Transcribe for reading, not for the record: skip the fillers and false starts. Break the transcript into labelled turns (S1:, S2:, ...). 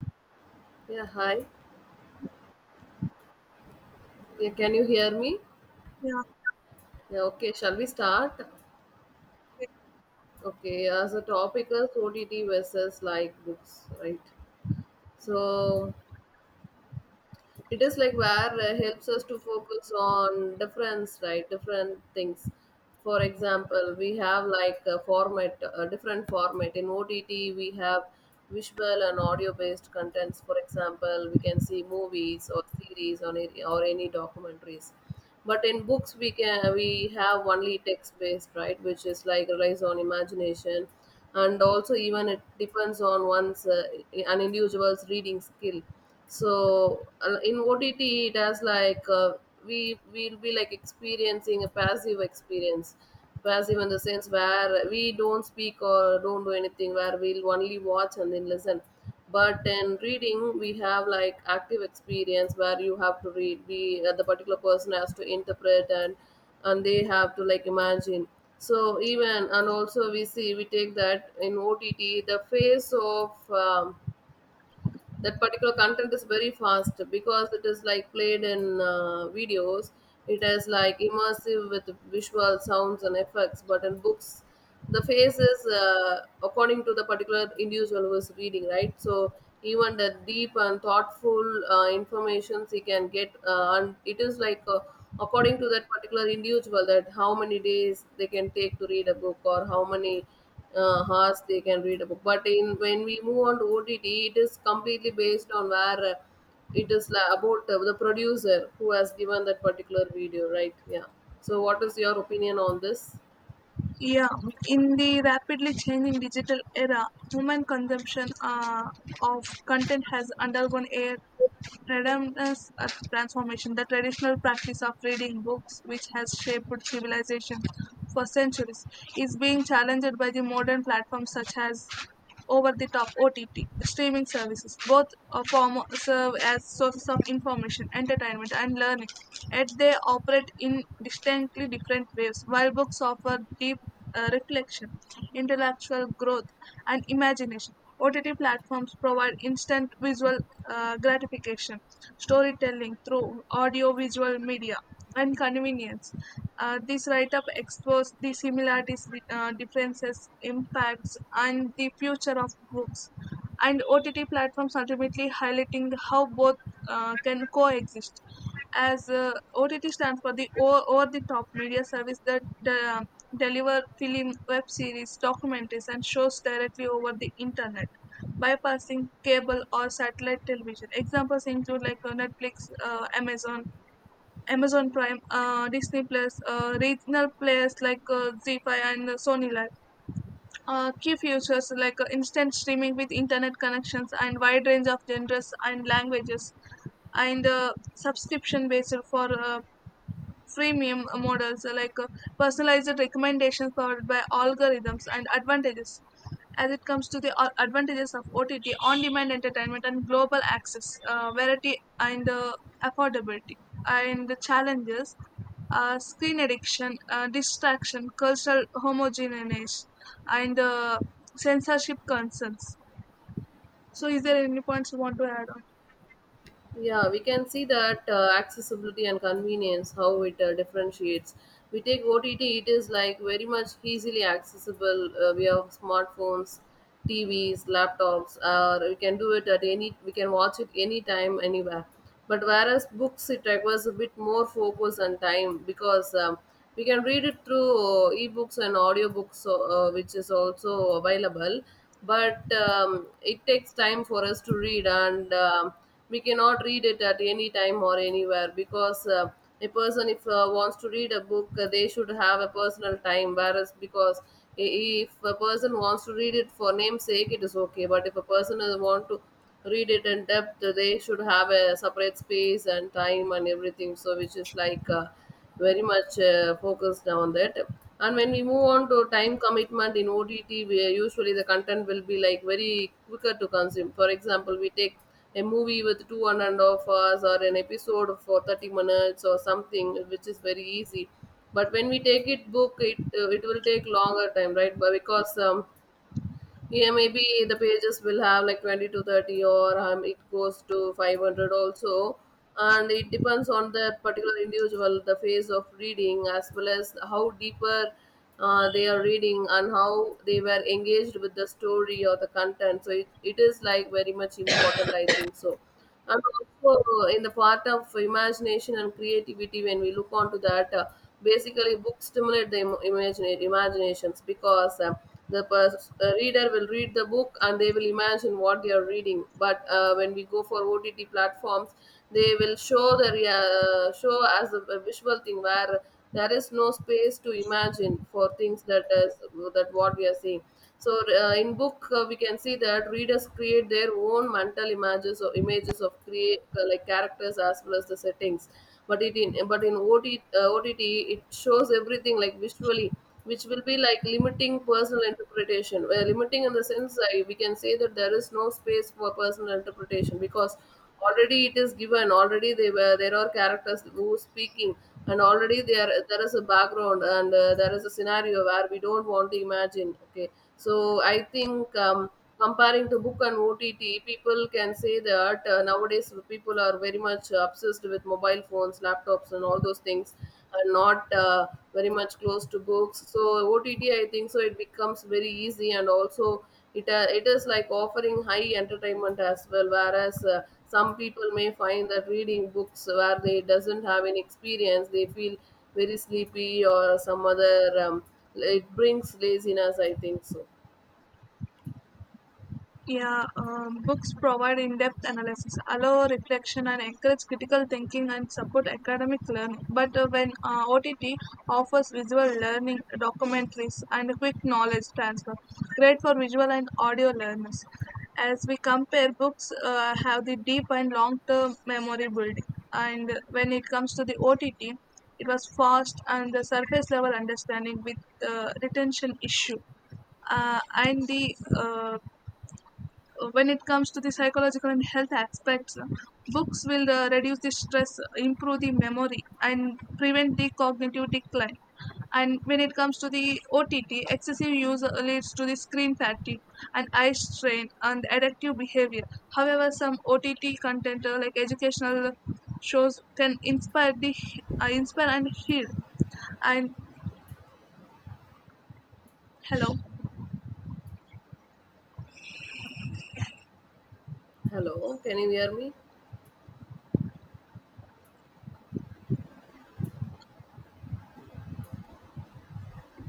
S1: Yeah, hi. Yeah, can you hear me?
S2: Yeah,
S1: Yeah, okay, shall we start? Okay, as a topic is OTT versus like books, right? So it is like where helps us to focus on difference, right? Different things. For example, we have like a format, a different format. In OTT, we have visual and audio based contents. For example, we can see movies or series or any documentaries, but in books we have only text based, right, which is like relies on imagination, and also even it depends on one's an individual's reading skill. So in OTT it has like we will be like experiencing a passive experience, passive in the sense where we don't speak or don't do anything, where we'll only watch and then listen. But in reading we have like active experience where you have to read, we the particular person has to interpret and they have to like imagine. So even and also we see we take that in OTT the face of um, that particular content is very fast because it is like played in videos. It is like immersive with visual sounds and effects, but in books the face is according to the particular individual who is reading, right. So even the deep and thoughtful informations he can get, and it is like according to that particular individual, that how many days they can take to read a book or how many horse they can read a book. But in, when we move on to OTT, it is completely based on where about the producer who has given that particular video, right? Yeah. So what is your opinion on this?
S2: yeah. In the rapidly changing digital era, human consumption of content has undergone a tremendous transformation. The traditional practice of reading books, which has shaped civilization for centuries, is being challenged by the modern platforms such as over the top OTT streaming services. Both form serve as sources of information, entertainment, and learning, yet they operate in distinctly different ways. While books offer deep reflection, intellectual growth, and imagination, OTT platforms provide instant visual gratification, storytelling through audio-visual media, and convenience. This write-up explores the similarities, differences, impacts, and the future of books, and OTT platforms ultimately highlighting how both can coexist. As OTT stands for the over the top media service that uh, deliver film, web series, documentaries, and shows directly over the internet, bypassing cable or satellite television. Examples include like Netflix, uh, Amazon, Amazon Prime, Disney Plus, regional players like 5 and Sony Live. Key features like instant streaming with internet connections and wide range of genres and languages and subscription based for freemium models personalized recommendations powered by algorithms and advantages as it comes to the advantages of OTT on-demand entertainment and global access, variety and affordability and the challenges, screen addiction, distraction, cultural homogeneity, and censorship concerns. So is there any points you want to add?
S1: Yeah, we can see that accessibility and convenience, how it differentiates. We take OTT, it is like very much easily accessible. We have smartphones, TVs, laptops, or we can do it at any, we can watch it anytime, anywhere. But whereas books, it requires a bit more focus and time because we can read it through ebooks and audiobooks, so, which is also available. But it takes time for us to read, and we cannot read it at any time or anywhere because a person if wants to read a book, they should have a personal time. Whereas because, i- if a person wants to read it for namesake it is okay, but if a person is want to read it in depth they should have a separate space and time and everything, so which is like very much focused on that. And when we move on to time commitment in OTT, we usually the content will be like very quicker to consume. For example, we take a movie with two, one and a half hours, or an episode for 30 minutes or something, which is very easy. But when we take it book, it will take longer time, right? But because yeah, maybe the pages will have like 20 to 30, or it goes to 500 also. And it depends on that particular individual, the phase of reading, as well as how deeper they are reading and how they were engaged with the story or the content. So it is like very much important, I think so. And also, in the part of imagination and creativity, when we look onto that, basically books stimulate the imaginations, because reader will read the book and they will imagine what they are reading. But when we go for OTT platforms, they will show the show as a visual thing, where there is no space to imagine for things that is, that what we are seeing. So in book, we can see that readers create their own mental images, or images of create like characters as well as the settings. But it in but in OTT it shows everything like visually, which will be like limiting personal interpretation, where limiting in the sense I, we can say that there is no space for personal interpretation, because already it is given, already they were, there are characters who speaking, and already there is a background, and there is a scenario where we don't want to imagine, okay. So I think comparing to book and OTT, people can say that nowadays people are very much obsessed with mobile phones, laptops, and all those things, are not very much close to books. So OTT, I think, so it becomes very easy, and also it is like offering high entertainment as well. Whereas some people may find that reading books, where they doesn't have any experience, they feel very sleepy or some other. It brings laziness, I think so.
S2: Yeah, books provide in-depth analysis, allow reflection and encourage critical thinking and support academic learning. But when OTT offers visual learning, documentaries, and quick knowledge transfer, great for visual and audio learners. As we compare, books have the deep and long-term memory building. And when it comes to the OTT, it was fast and the surface level understanding with retention issue and the when it comes to the psychological and health aspects, books will reduce the stress, improve the memory, and prevent the cognitive decline. And when it comes to the OTT, excessive use leads to the screen fatigue and eye strain and addictive behavior. However, some OTT content like educational shows can inspire the inspire and heal. And hello.
S1: Hello, can you hear me?